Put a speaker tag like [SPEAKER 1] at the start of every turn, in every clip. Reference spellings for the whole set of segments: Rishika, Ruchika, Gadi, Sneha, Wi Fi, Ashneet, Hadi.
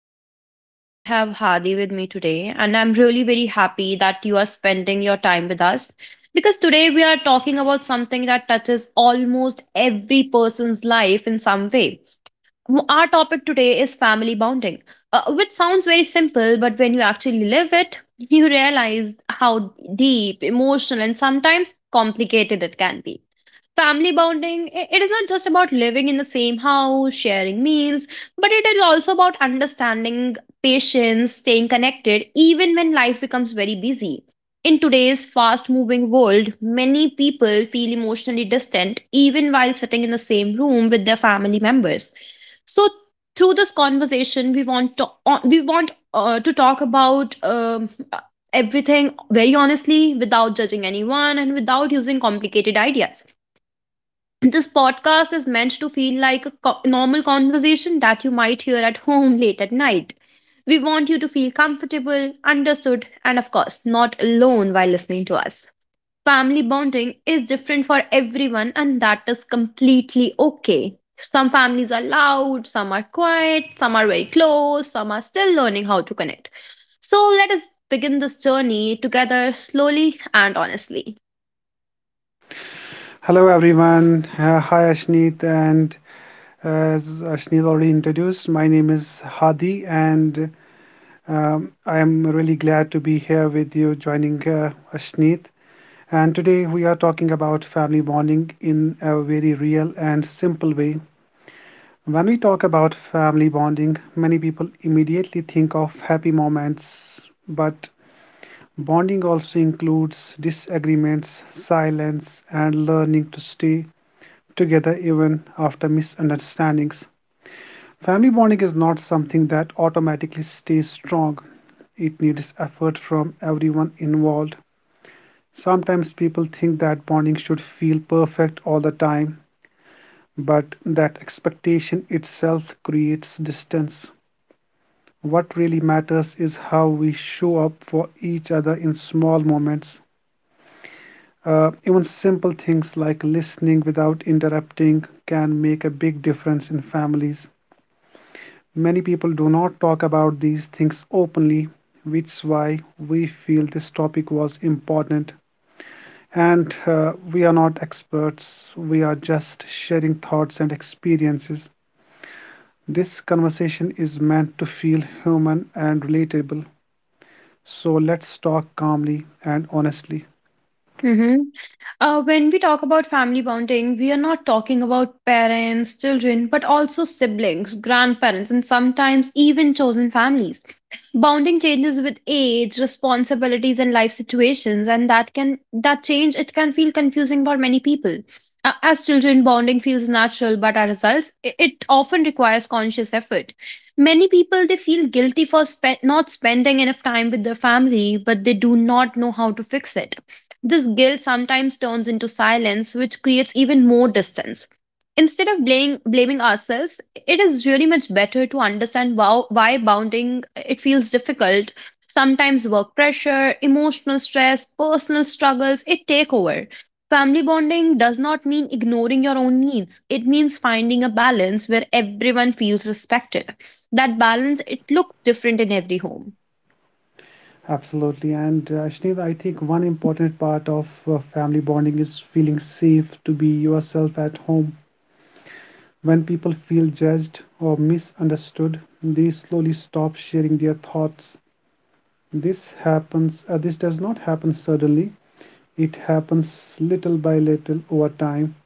[SPEAKER 1] is Ashneet and I have Hadi with me today and I'm really very happy that you are spending your time with us because today we are talking about something that touches almost every person's life in some way. Our topic today is family bonding, which sounds very simple but when you actually live it, you realize how deep, emotional and sometimes complicated it can be. Family bonding, it is not just about living in the same house, sharing meals, but it is also about understanding, patience, staying connected, even when life becomes very busy. In today's fast moving world, many people feel emotionally distant even while sitting in the same room with their family members. So, through this conversation, we want to talk about everything very honestly without judging anyone and without using complicated ideas. This podcast is meant to feel like a normal conversation that you might hear at home late at night. We want you to feel comfortable, understood, and of course, not alone while listening to us. Family bonding is different for everyone, and that is completely okay. Some families are loud, some are quiet, some are very close, some are still learning how to connect. So let us begin this journey together slowly and honestly.
[SPEAKER 2] Hello everyone. Hi Ashneet, and as Ashneet already introduced, my name is Hadi, and I am really glad to be here with you joining Ashneet. And today we are talking about family bonding in a very real and simple way. When we talk about family bonding, many people immediately think of happy moments, but bonding also includes disagreements, silence, and learning to stay together even after misunderstandings. Family bonding is not something that automatically stays strong, it needs effort from everyone involved. Sometimes people think that bonding should feel perfect all the time, but that expectation itself creates distance. What really matters is how we show up for each other in small moments. Even simple things like listening without interrupting can make a big difference in families. Many people do not talk about these things openly, which is why we feel this topic was important. And we are not experts, we are just sharing thoughts and experiences. This conversation is meant to feel human and relatable. So let's talk calmly and honestly.
[SPEAKER 1] When we talk about family bonding, we are not talking about parents, children, but also siblings, grandparents, and sometimes even chosen families. Bonding changes with age, responsibilities, and life situations, and that change it can feel confusing for many people. As children, bonding feels natural, but as adults, it often requires conscious effort. Many people they feel guilty for not spending enough time with their family, but they do not know how to fix it. This guilt sometimes turns into silence, which creates even more distance. Instead of blaming ourselves, it is really much better to understand wow, why bounding it feels difficult. Sometimes work pressure, emotional stress, personal struggles, it take over. Family bonding does not mean ignoring your own needs. It means finding a balance where everyone feels respected. That balance it looks different in every home.
[SPEAKER 2] Absolutely. And Sneha, I think one important part of family bonding is feeling safe to be yourself at home. When people feel judged or misunderstood, they slowly stop sharing their thoughts. This does not happen suddenly. It happens little by little over time.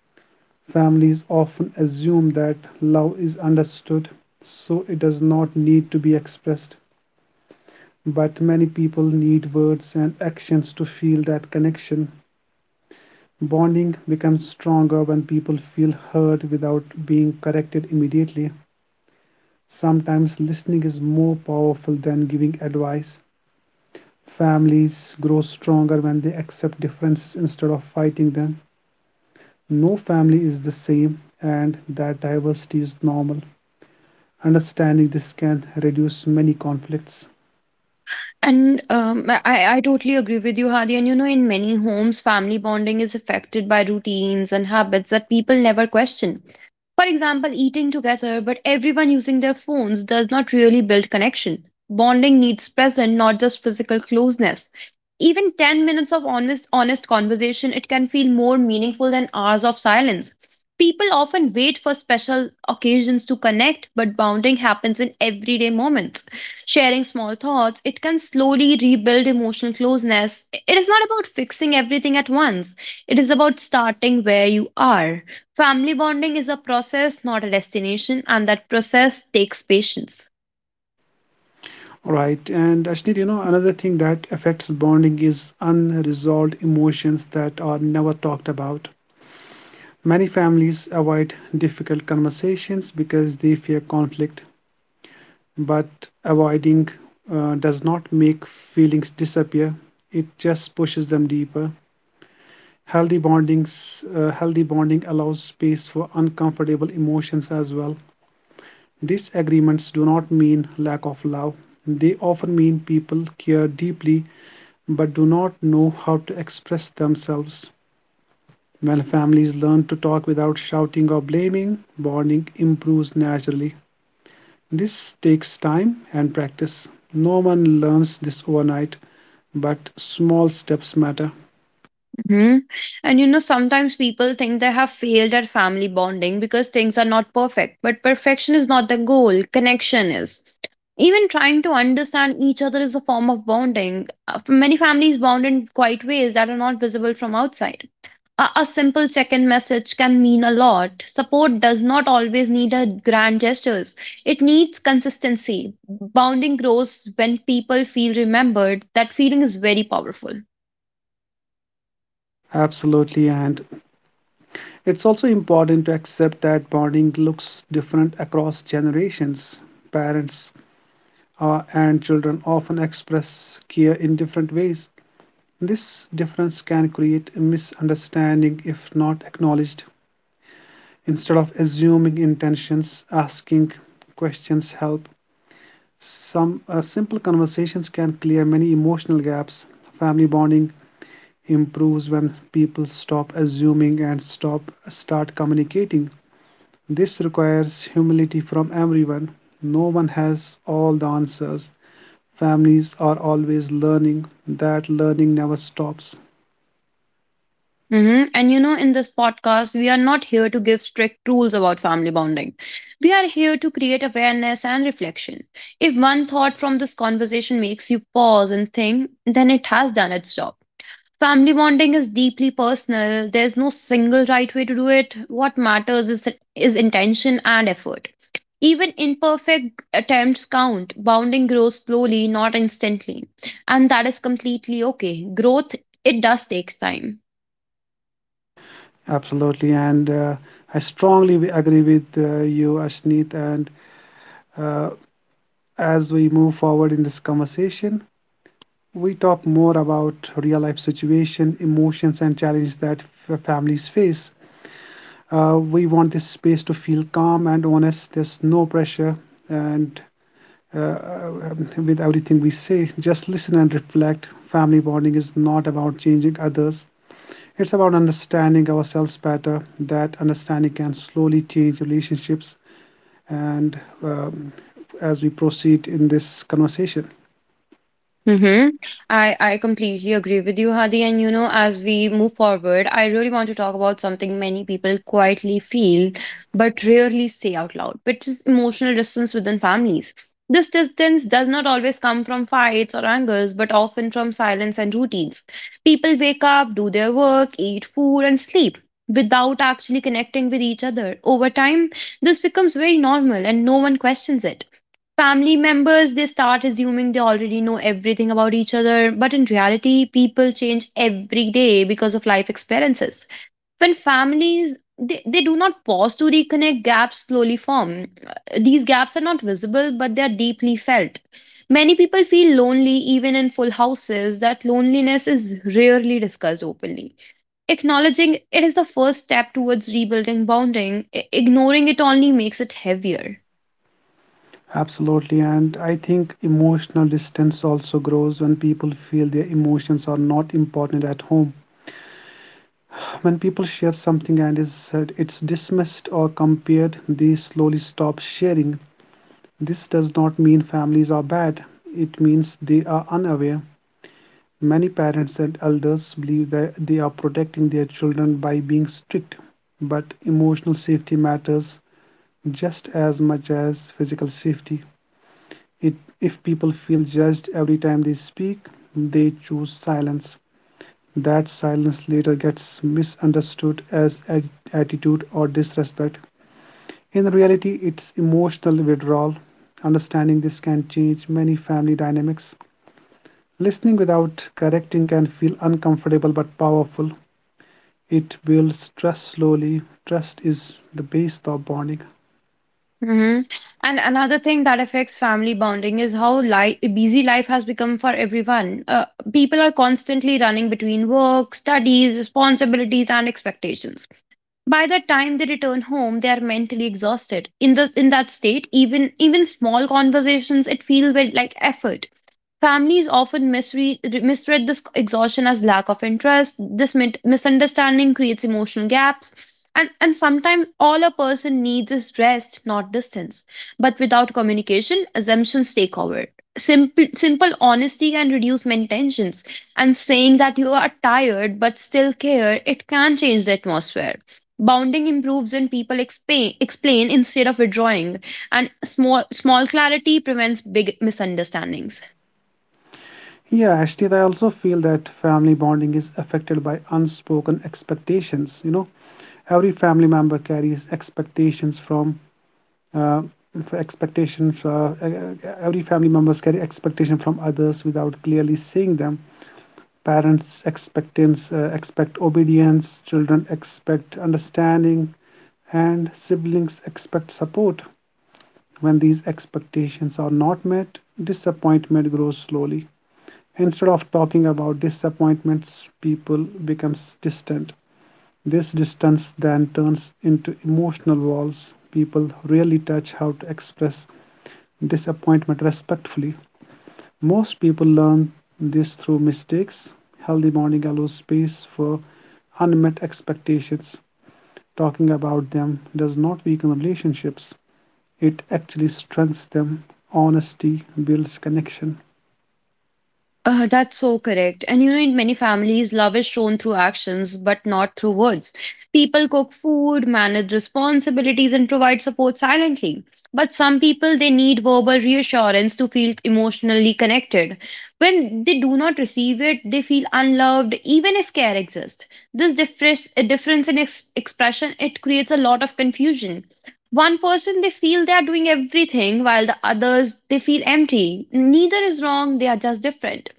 [SPEAKER 2] Families often assume that love is understood, so it does not need to be expressed. But many people need words and actions to feel that connection. Bonding becomes stronger when people feel heard without being corrected immediately. Sometimes listening is more powerful than giving advice. Families grow stronger when they accept differences instead of fighting them. No family is the same, and that diversity is normal. Understanding this can reduce many conflicts.
[SPEAKER 1] And I totally agree with you, Hadi. And you know, in many homes, family bonding is affected by routines and habits that people never question. For example, eating together but everyone using their phones does not really build connection. Bonding needs present, not just physical closeness. Even 10 minutes of honest conversation, it can feel more meaningful than hours of silence. People often wait for special occasions to connect, but bonding happens in everyday moments. Sharing small thoughts, it can slowly rebuild emotional closeness. It is not about fixing everything at once, it is about starting where you are. Family bonding is a process, not a destination, and that process takes patience.
[SPEAKER 2] Right, and Ashneet, you know, another thing that affects bonding is unresolved emotions that are never talked about. Many families avoid difficult conversations because they fear conflict, but avoiding does not make feelings disappear, it just pushes them deeper. Healthy bondings uh, healthy bonding allows space for uncomfortable emotions as well. Disagreements do not mean lack of love, they often mean people care deeply but do not know how to express themselves. When families learn to talk without shouting or blaming, bonding improves naturally. This takes time and practice. No one learns this overnight, but small steps matter.
[SPEAKER 1] hmm And you know, sometimes people think they have failed at family bonding because things are not perfect. But perfection is not the goal, connection is. Even trying to understand each other is a form of bonding. Many families bond in quiet ways that are not visible from outside. A simple check in message can mean a lot. Support does not always need a grand gestures, it needs consistency. Bonding grows when people feel remembered. That feeling is very powerful.
[SPEAKER 2] Absolutely. And it's also important to accept that bonding looks different across generations. Parents and children often express care in different ways. This difference can create a misunderstanding if not acknowledged. Instead of assuming intentions, asking questions help. Some simple conversations can clear many emotional gaps. Family bonding improves when people stop assuming and stop start communicating. This requires humility from everyone. No one has all the answers. Families are always learning. That learning never stops.
[SPEAKER 1] And you know, in this podcast, we are not here to give strict rules about family bonding. We are here to create awareness and reflection. If one thought from this conversation makes you pause and think, then it has done its job. Family bonding is deeply personal. There's no single right way to do it. What matters is intention and effort. Even imperfect attempts count. Bonding grows slowly, not instantly. And that is completely okay. Growth, it does take time.
[SPEAKER 2] Absolutely, and I strongly agree with you, Ashneet. And uh, as we move forward in this conversation, we talk more about real life situation, emotions, and challenges that families face. We want this space to feel calm and honest. There's no pressure, and with everything we say, just listen and reflect. Family bonding is not about changing others. It's about understanding ourselves better. That understanding can slowly change relationships, and as we proceed in this conversation.
[SPEAKER 1] Mm-hmm. I completely agree with you, Hadi. And you know, as we move forward, I really want to talk about something many people quietly feel but rarely say out loud, which is emotional distance within families. This distance does not always come from fights or angers, but often from silence and routines. People wake up, do their work, eat food, and sleep without actually connecting with each other. Over time, this becomes very normal and no one questions it. Family members they start assuming they already know everything about each other, but in reality people change every day because of life experiences. When families they do not pause to reconnect, gaps slowly form. These gaps are not visible but they are deeply felt. Many people feel lonely even in full houses. That loneliness is rarely discussed openly. Acknowledging it is the first step towards rebuilding bonding. Ignoring it only makes it heavier.
[SPEAKER 2] Absolutely. And I think emotional distance also grows when people feel their emotions are not important at home. When people share something and is it's dismissed or compared, they slowly stop sharing. This does not mean families are bad. It means they are unaware. Many parents and elders believe that they are protecting their children by being strict, but emotional safety matters just as much as physical safety. It, if people feel judged every time they speak, they choose silence. That silence later gets misunderstood as attitude or disrespect. In reality, it's emotional withdrawal. Understanding this can change many family dynamics. Listening without correcting can feel uncomfortable but powerful. It builds trust slowly. Trust is the base of bonding.
[SPEAKER 1] Mm-hmm. And another thing that affects family bonding is how busy life has become for everyone. People are constantly running between work, studies, responsibilities, and expectations. By the time they return home, they are mentally exhausted. In the in that state, even small conversations it feels very like effort. Families often misread this exhaustion as lack of interest. This misunderstanding creates emotional gaps. And sometimes all a person needs is rest, not distance. But without communication, assumptions take over. Simple honesty can reduce many tensions. And saying that you are tired but still care, it can change the atmosphere. Bounding improves when people explain instead of withdrawing, and small clarity prevents big misunderstandings.
[SPEAKER 2] Yeah, Ashtita, I also feel that family bonding is affected by unspoken expectations. You know, every family member carries expectations from uh, expectations e- e- every family members carry expectation from others without clearly seeing them. Parents expect obedience, children expect understanding, and siblings expect support. When these expectations are not met, disappointment grows slowly. Instead of talking about disappointments, people becomes distant. This distance then turns into emotional walls. People rarely touch how to express disappointment respectfully. Most people learn this through mistakes. Healthy bonding allows space for unmet expectations. Talking about them does not weaken relationships, it actually strengthens them. Honesty builds connection.
[SPEAKER 1] That's so correct. And you know, in many families, love is shown through actions, but not through words. People cook food, manage responsibilities, and provide support silently. But some people, they need verbal reassurance to feel emotionally connected. When they do not receive it, they feel unloved, even if care exists. This difference in expression, it creates a lot of confusion. One person they feel they are doing everything, while the others they feel empty. Neither is wrong; they are just different.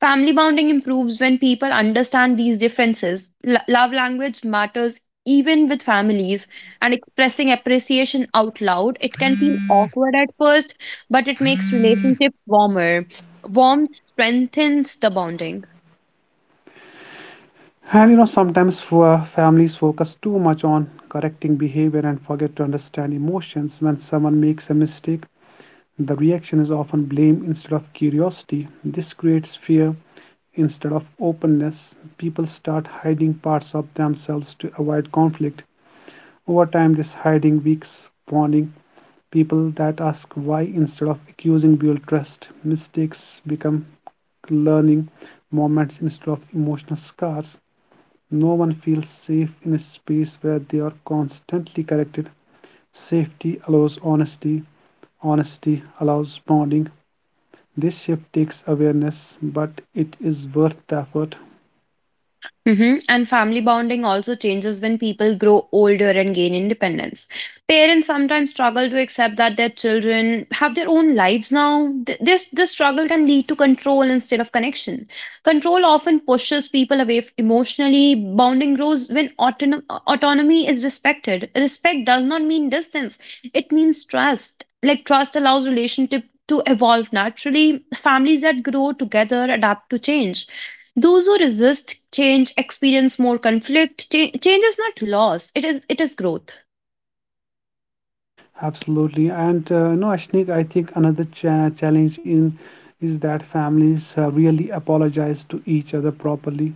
[SPEAKER 1] Family bonding improves when people understand these differences. Love language matters even with families, and expressing appreciation out loud, it can feel awkward at first, but it makes relationships warmer. Warmth strengthens the bonding.
[SPEAKER 2] And you know, sometimes for families focus too much on correcting behavior and forget to understand emotions. When someone makes a mistake, the reaction is often blame instead of curiosity. This creates fear instead of openness. People start hiding parts of themselves to avoid conflict. Over time, this hiding weakens bonding. People that ask why instead of accusing build trust. Mistakes become learning moments instead of emotional scars. No one feels safe in a space where they are constantly corrected. Safety allows honesty, honesty allows bonding. This shift takes awareness, but it is worth the effort.
[SPEAKER 1] Mhm. And family bonding also changes when people grow older and gain independence. Parents sometimes struggle to accept that their children have their own lives now. This struggle can lead to control instead of connection. Control often pushes people away emotionally. Bonding grows when autonomy is respected. Respect does not mean distance, it means trust. Like, trust allows relationship to evolve naturally. Families that grow together adapt to change. Those who resist change experience more conflict. Change is not loss; it is growth.
[SPEAKER 2] Absolutely. And no, Ashnik, I think another challenge in is that families really apologize to each other properly.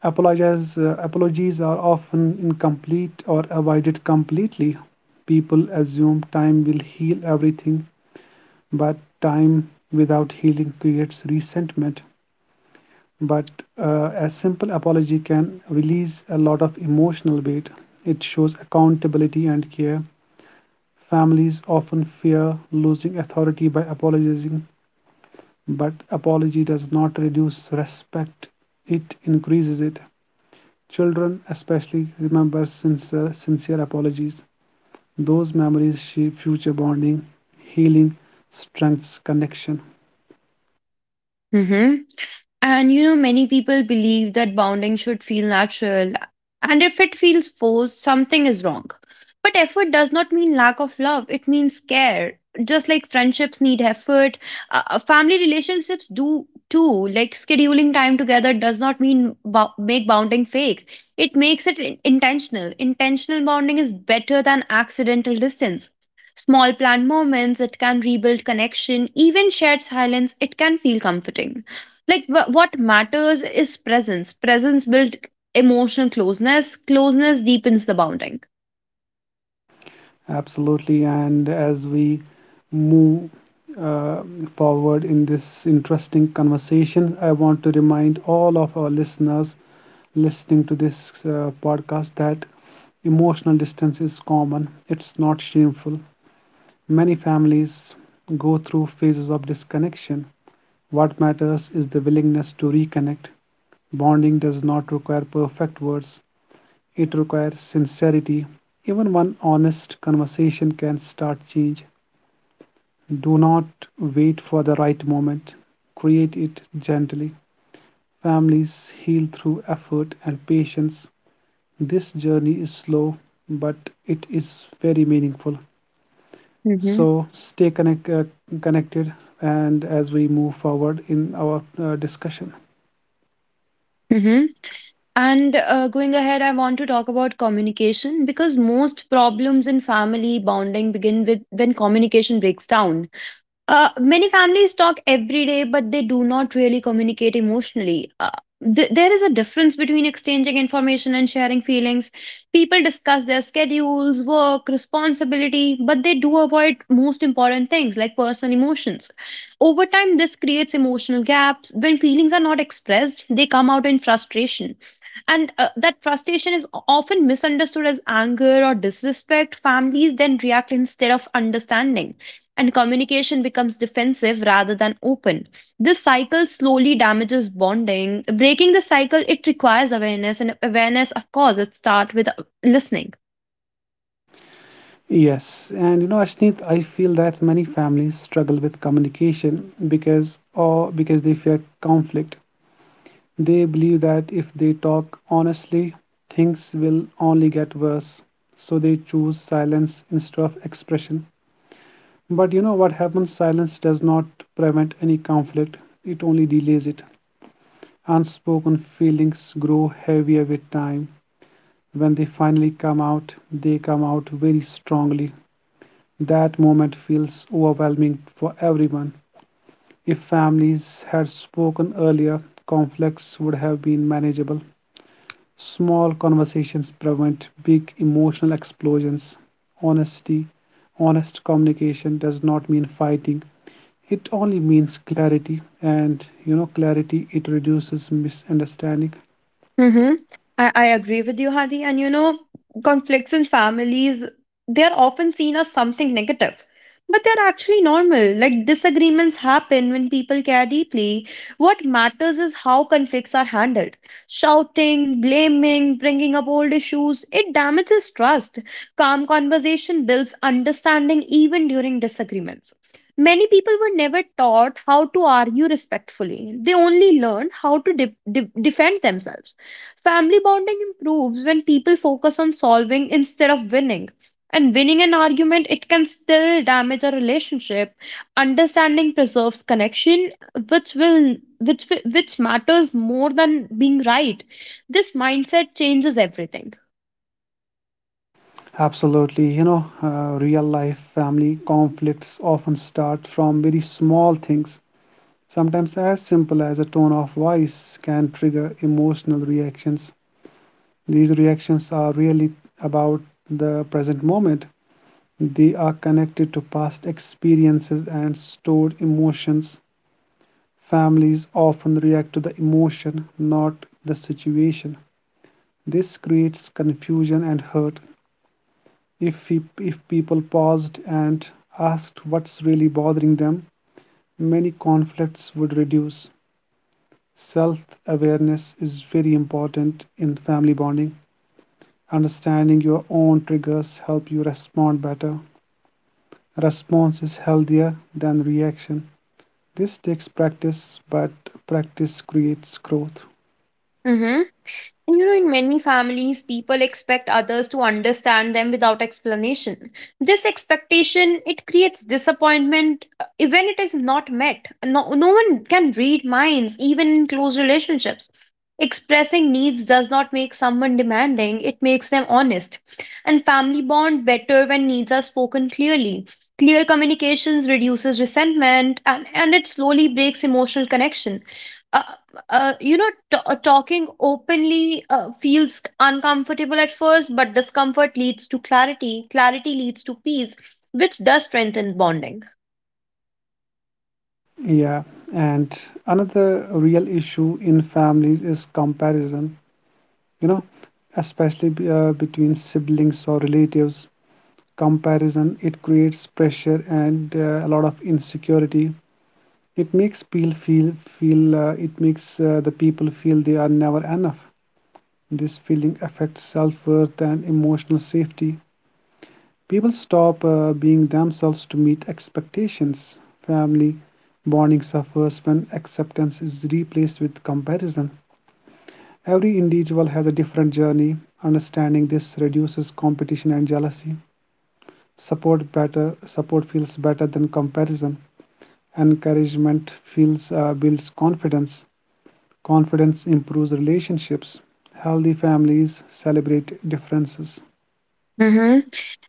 [SPEAKER 2] Apologies are often incomplete or avoided completely. People assume time will heal everything, but time without healing creates resentment. But a simple apology can release a lot of emotional weight. It shows accountability and care. Families often fear losing authority by apologizing, but apology does not reduce respect, it increases it. Children, especially, remember sincere apologies. Those memories shape future bonding, healing, strengths, connection.
[SPEAKER 1] Mm-hmm. And you know, many people believe that bonding should feel natural, and if it feels forced, something is wrong. But effort does not mean lack of love, it means care. Just like friendships need effort, family relationships do too. Like scheduling time together does not mean make bonding fake, it makes it intentional. Intentional bonding is better than accidental distance. Small planned moments, it can rebuild connection, even shared silence, it can feel comforting. Like what matters is presence. Presence builds emotional closeness. Closeness deepens the bonding.
[SPEAKER 2] Absolutely. And as we move uh, forward in this interesting conversation, I want to remind all of our listeners listening to this podcast that emotional distance is common, it's not shameful. Many families go through phases of disconnection. What matters is the willingness to reconnect. Bonding does not require perfect words, it requires sincerity. Even one honest conversation can start change. Do not wait for the right moment. Create it gently. Families heal through effort and patience. This journey is slow, but it is very meaningful.
[SPEAKER 1] Mm-hmm.
[SPEAKER 2] So connected and as we move forward in our discussion.
[SPEAKER 1] Mm-hmm. And going ahead, I want to talk about communication because most problems in family bonding begin with when communication breaks down. Many families talk every day, but they do not really communicate emotionally. There is a difference between exchanging information and sharing feelings. People discuss their schedules, work, responsibility, but they do avoid most important things like personal emotions. Over time, this creates emotional gaps. When feelings are not expressed, they come out in frustration. And that frustration is often misunderstood as anger or disrespect. Families then react instead of understanding, and communication becomes defensive rather than open. This cycle slowly damages bonding. Breaking the cycle, it requires awareness, and awareness, of course, it starts with listening.
[SPEAKER 2] Yes, and you know, Ashneet, I feel that many families struggle with communication because they fear conflict. They believe that if they talk honestly, things will only get worse. So they choose silence instead of expression. But you know what happens? Silence does not prevent any conflict, it only delays it. Unspoken feelings grow heavier with time. When they finally come out, they come out very strongly. That moment feels overwhelming for everyone. If families had spoken earlier, conflicts would have been manageable. Small conversations prevent big emotional explosions. Honesty, Honest communication does not mean fighting. It only means clarity, and you know, clarity it reduces misunderstanding.
[SPEAKER 1] Mm-hmm. I agree with you, Hadi. And you know, conflicts in families, they're often seen as something negative, but they're actually normal. Like disagreements happen when people care deeply. What matters is how conflicts are handled. Shouting, blaming, bringing up old issues, it damages trust. Calm conversation builds understanding even during disagreements. Many people were never taught how to argue respectfully. They only learned how to defend themselves. Family bonding improves when people focus on solving instead of winning. And winning an argument, it can still damage a relationship. Understanding preserves connection, which will which wi- which matters more than being right. This mindset changes everything.
[SPEAKER 2] Absolutely, you know, real life family conflicts often start from very small things. Sometimes, as simple as a tone of voice can trigger emotional reactions. These reactions are really about the present moment. They are connected to past experiences and stored emotions. Families often react to the emotion, not the situation. This creates confusion and hurt. If people paused and asked what's really bothering them, many conflicts would reduce. Self awareness is very important in family bonding. Understanding your own triggers help you respond better. Response is healthier than reaction. This takes practice, but practice creates growth.
[SPEAKER 1] Mm-hmm. And you know, in many families, people expect others to understand them without explanation. This expectation it creates disappointment when it is not met. No, no one can read minds, even in close relationships. Expressing needs does not make someone demanding; it makes them honest. And family bond better when needs are spoken clearly. Clear communications reduces resentment, and it slowly breaks emotional connection. Uh, Talking openly feels uncomfortable at first, but discomfort leads to clarity. Clarity leads to peace, which does strengthen bonding.
[SPEAKER 2] Yeah, and another real issue in families is comparison, you know, especially between siblings or relatives. Comparison, it creates pressure and a lot of insecurity. It makes the people feel they are never enough. This feeling affects self-worth and emotional safety. People stop being themselves to meet expectations. Family bonding suffers when acceptance is replaced with comparison. Every individual has a different journey. Understanding this reduces competition and jealousy. Support better Support feels better than comparison. Encouragement feels builds confidence. Confidence improves relationships. Healthy families celebrate differences.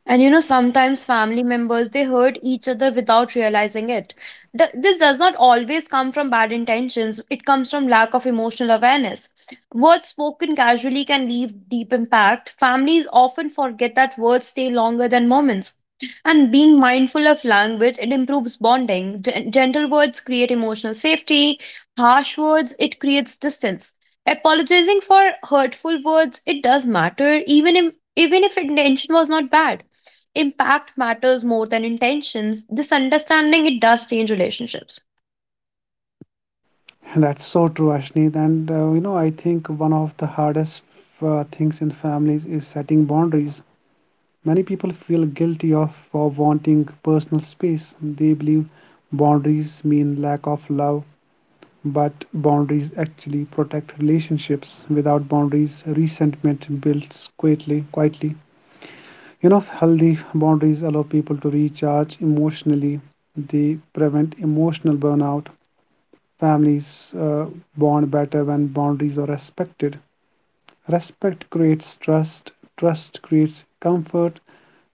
[SPEAKER 1] And you know, sometimes family members they hurt each other without realizing it. This does not always come from bad intentions, it comes from lack of emotional awareness. Words spoken casually can leave deep impact. Families often forget that words stay longer than moments. And being mindful of language, it improves bonding. Gentle words create emotional safety, harsh words, it creates distance. Apologizing for hurtful words, it does matter, even if intention was not bad. Impact matters more than intentions. This understanding it does change relationships.
[SPEAKER 2] That's so true, Ashneet. And you know, I think one of the hardest things in families is setting boundaries. Many people feel guilty of for wanting personal space. They believe boundaries mean lack of love, but boundaries actually protect relationships. Without boundaries, resentment builds quietly. You know, healthy boundaries allow people to recharge emotionally. They prevent emotional burnout. Families bond better when boundaries are respected. Respect creates trust, trust creates comfort,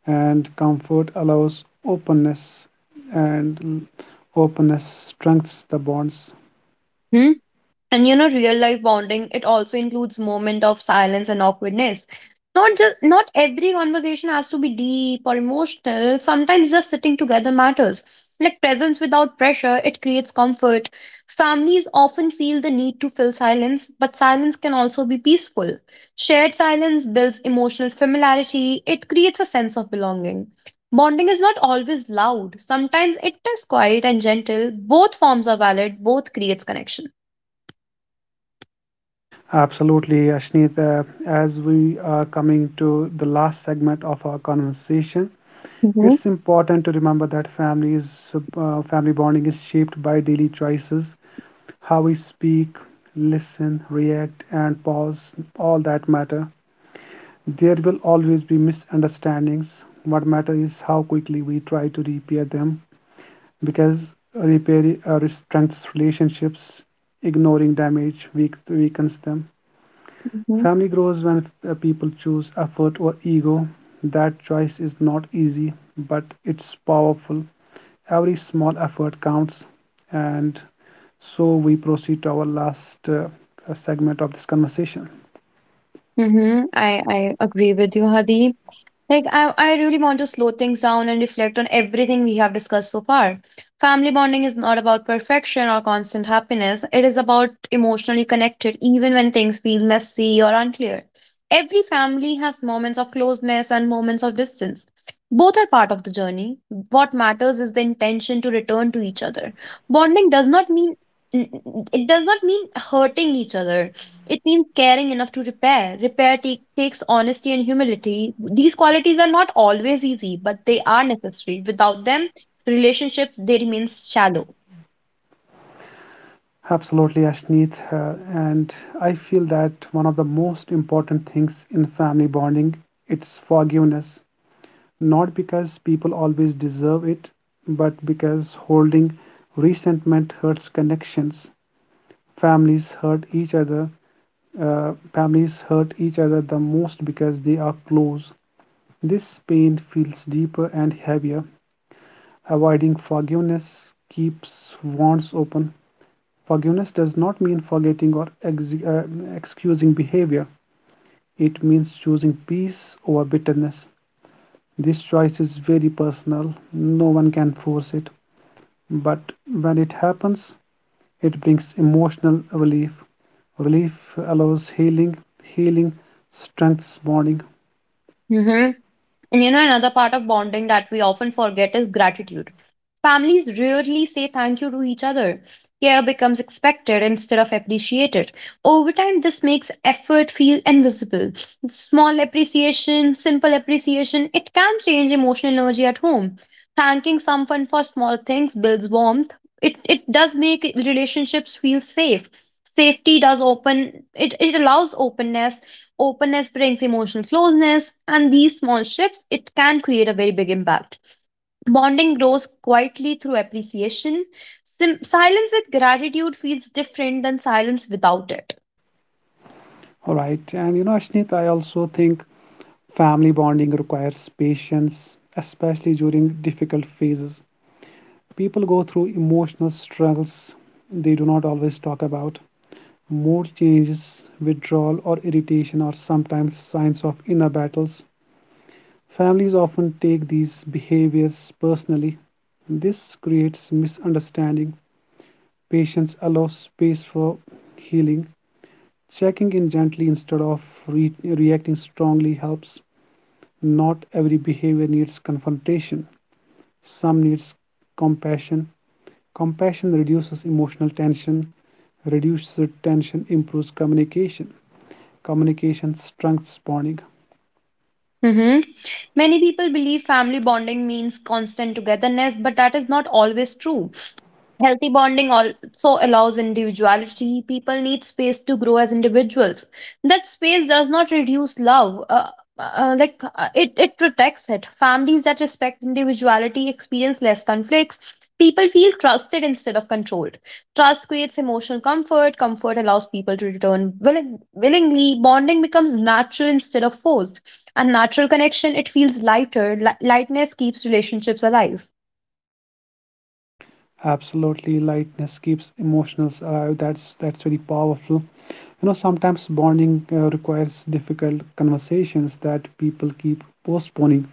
[SPEAKER 2] and comfort allows openness, and openness strengthens the bonds.
[SPEAKER 1] Hmm? And you know, real life bonding, it also includes moment of silence and awkwardness. Not every conversation has to be deep or emotional. Sometimes just sitting together matters. Like presence without pressure, it creates comfort. Families often feel the need to fill silence, but silence can also be peaceful. Shared silence builds emotional familiarity. It creates a sense of belonging. Bonding is not always loud. Sometimes it is quiet and gentle. Both forms are valid. Both creates connection.
[SPEAKER 2] Absolutely, Ashneet. As we are coming to the last segment of our conversation,
[SPEAKER 1] Mhm,
[SPEAKER 2] it's important to remember that families, family bonding is shaped by daily choices. How we speak, listen, react, and pause, all that matter. There will always be misunderstandings. What matters is how quickly we try to repair them, because repairing strengthens relationships, ignoring damage weakens them.
[SPEAKER 1] mhm,
[SPEAKER 2] Family grows when people choose effort or ego. That choice is not easy, but it's powerful. Every small effort counts, and so we proceed to our last segment of this conversation.
[SPEAKER 1] mhm. I agree with you, Hadi. Like, I really want to slow things down and reflect on everything we have discussed so far. Family bonding is not about perfection or constant happiness, it is about emotionally connected, even when things feel messy or unclear. Every family has moments of closeness and moments of distance. Both are part of the journey. What matters is the intention to return to each other. Bonding does not mean it does not mean hurting each other, it means caring enough to repair. Repair takes honesty and humility. These qualities are not always easy, but they are necessary. Without them, relationships they remain shallow.
[SPEAKER 2] Absolutely, Ashneet. And I feel that one of the most important things in family bonding, it's forgiveness. Not because people always deserve it, but because holding resentment hurts connections. Families hurt each other, families hurt each other the most because they are close. This pain feels deeper and heavier. Avoiding forgiveness keeps wounds open. Forgiveness does not mean forgetting or excusing behavior, it means choosing peace over bitterness. This choice is very personal, no one can force it. But when it happens, it brings emotional relief. Relief allows healing, healing strengthens bonding.
[SPEAKER 1] Mhm. And you know, another part of bonding that we often forget is gratitude. Families rarely say thank you to each other. Care becomes expected instead of appreciated. Over time, this makes effort feel invisible. Small appreciation, simple appreciation, it can change emotional energy at home. Thanking someone for small things builds warmth. It does make relationships feel safe. Safety does open, it allows openness. Openness brings emotional closeness, and these small shifts it can create a very big impact. Bonding grows quietly through appreciation. Silence with gratitude feels different than silence without it.
[SPEAKER 2] All right, and you know, Ashnit, I also think family bonding requires patience, especially during difficult phases. People go through emotional struggles they do not always talk about. Mood changes, withdrawal, or irritation are sometimes signs of inner battles. Families often take these behaviors personally. This creates misunderstanding. Patience allows space for healing. Checking in gently instead of reacting strongly helps. Not every behavior needs confrontation. Some needs compassion. Compassion reduces emotional tension, reduces tension, improves communication. Communication strengthens bonding.
[SPEAKER 1] Mhm. Many people believe family bonding means constant togetherness, but that is not always true. Healthy bonding also allows individuality. People need space to grow as individuals. That space does not reduce love. It protects it. Families that respect individuality experience less conflicts. People feel trusted instead of controlled. Trust creates emotional comfort. Comfort allows people to return willingly. Bonding becomes natural instead of forced. And natural connection, it feels lighter. Lightness keeps relationships alive.
[SPEAKER 2] Absolutely, lightness keeps emotions alive. That's very powerful. You know, sometimes bonding requires difficult conversations that people keep postponing.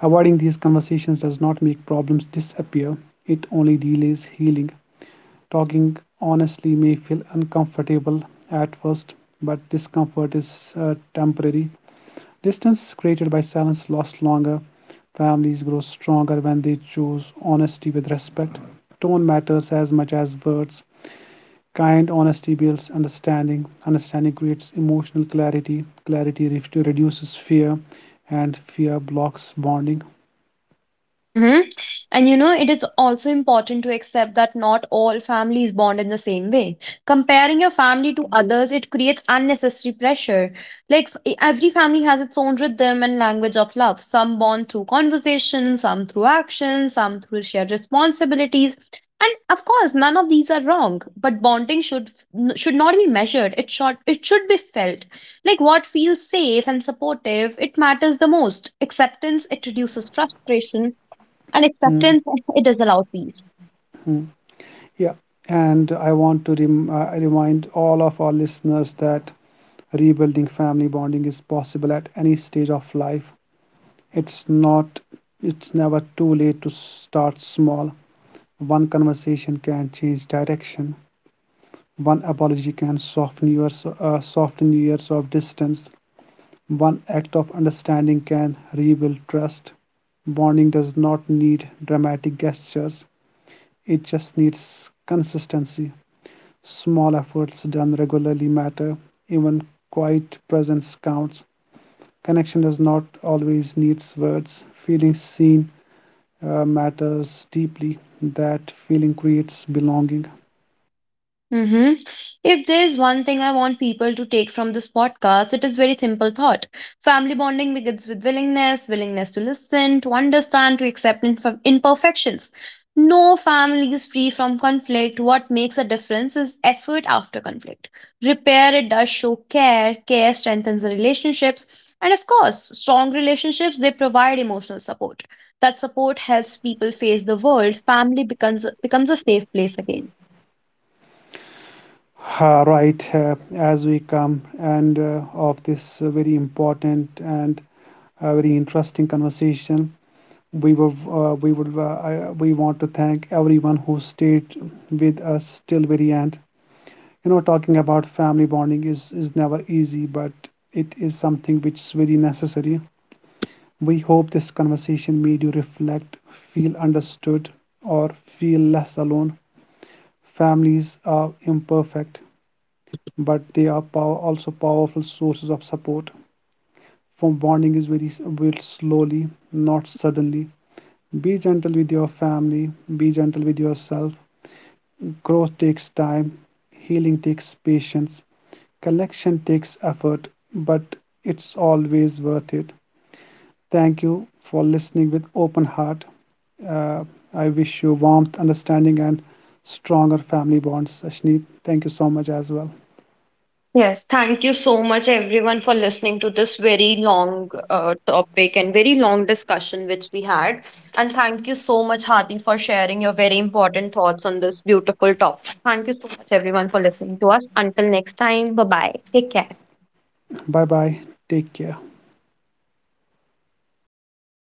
[SPEAKER 2] Avoiding these conversations does not make problems disappear; it only delays healing. Talking honestly may feel uncomfortable at first, but discomfort is temporary. Distance created by silence lasts longer. Families grow stronger when they choose honesty with respect. Tone matters as much as words. Kind honesty builds understanding. Understanding creates emotional clarity. Clarity reduces fear, and fear blocks bonding.
[SPEAKER 1] Mm-hmm. And you know, it is also important to accept that not all families bond in the same way. Comparing your family to others, it creates unnecessary pressure. Like every family has its own rhythm and language of love. Some bond through conversation, some through action, some through shared responsibilities. And of course, none of these are wrong, but bonding should not be measured. It should be felt. Like what feels safe and supportive, it matters the most. Acceptance, it reduces frustration, and
[SPEAKER 2] Hmm.
[SPEAKER 1] acceptance it does allow peace.
[SPEAKER 2] Mm. Yeah, and I want to I remind all of our listeners that rebuilding family bonding is possible at any stage of life. It's not, it's never too late to start small. One conversation can change direction, one apology can soften years of distance, one act of understanding can rebuild trust. Bonding does not need dramatic gestures, it just needs consistency. Small efforts done regularly matter, even quiet presence counts. Connection does not always needs words. Feeling seen matters deeply. That feeling creates belonging.
[SPEAKER 1] Mm-hmm. If there is one thing I want people to take from this podcast, it is very simple thought. Family bonding begins with willingness, willingness to listen, to understand, to accept imperfections. No family is free from conflict. What makes a difference is effort after conflict. Repair it does show care. Care strengthens the relationships, and of course, strong relationships they provide emotional support. That support helps people face the world. Family becomes a safe place again.
[SPEAKER 2] Ah, right, as we come and of this very important and very interesting conversation, we will we would I, we want to thank everyone who stayed with us till very end. You know, talking about family bonding is never easy, but it is something which is very necessary. We hope this conversation made you reflect, feel understood, or feel less alone. Families are imperfect, but they are also powerful sources of support. For bonding is very built slowly, not suddenly. Be gentle with your family, be gentle with yourself. Growth takes time, healing takes patience, connection takes effort, but it's always worth it. Thank you for listening with open heart. Uh, I wish you warmth, understanding, and stronger family bonds, Ashneet. Thank you so much as well.
[SPEAKER 1] Yes, thank you so much, everyone, for listening to this very long topic and very long discussion which we had. And thank you so much, Hadi, for sharing your very important thoughts on this beautiful topic. Thank you so much, everyone, for listening to us. Until next time, bye bye. Take care.
[SPEAKER 2] Bye bye. Take care.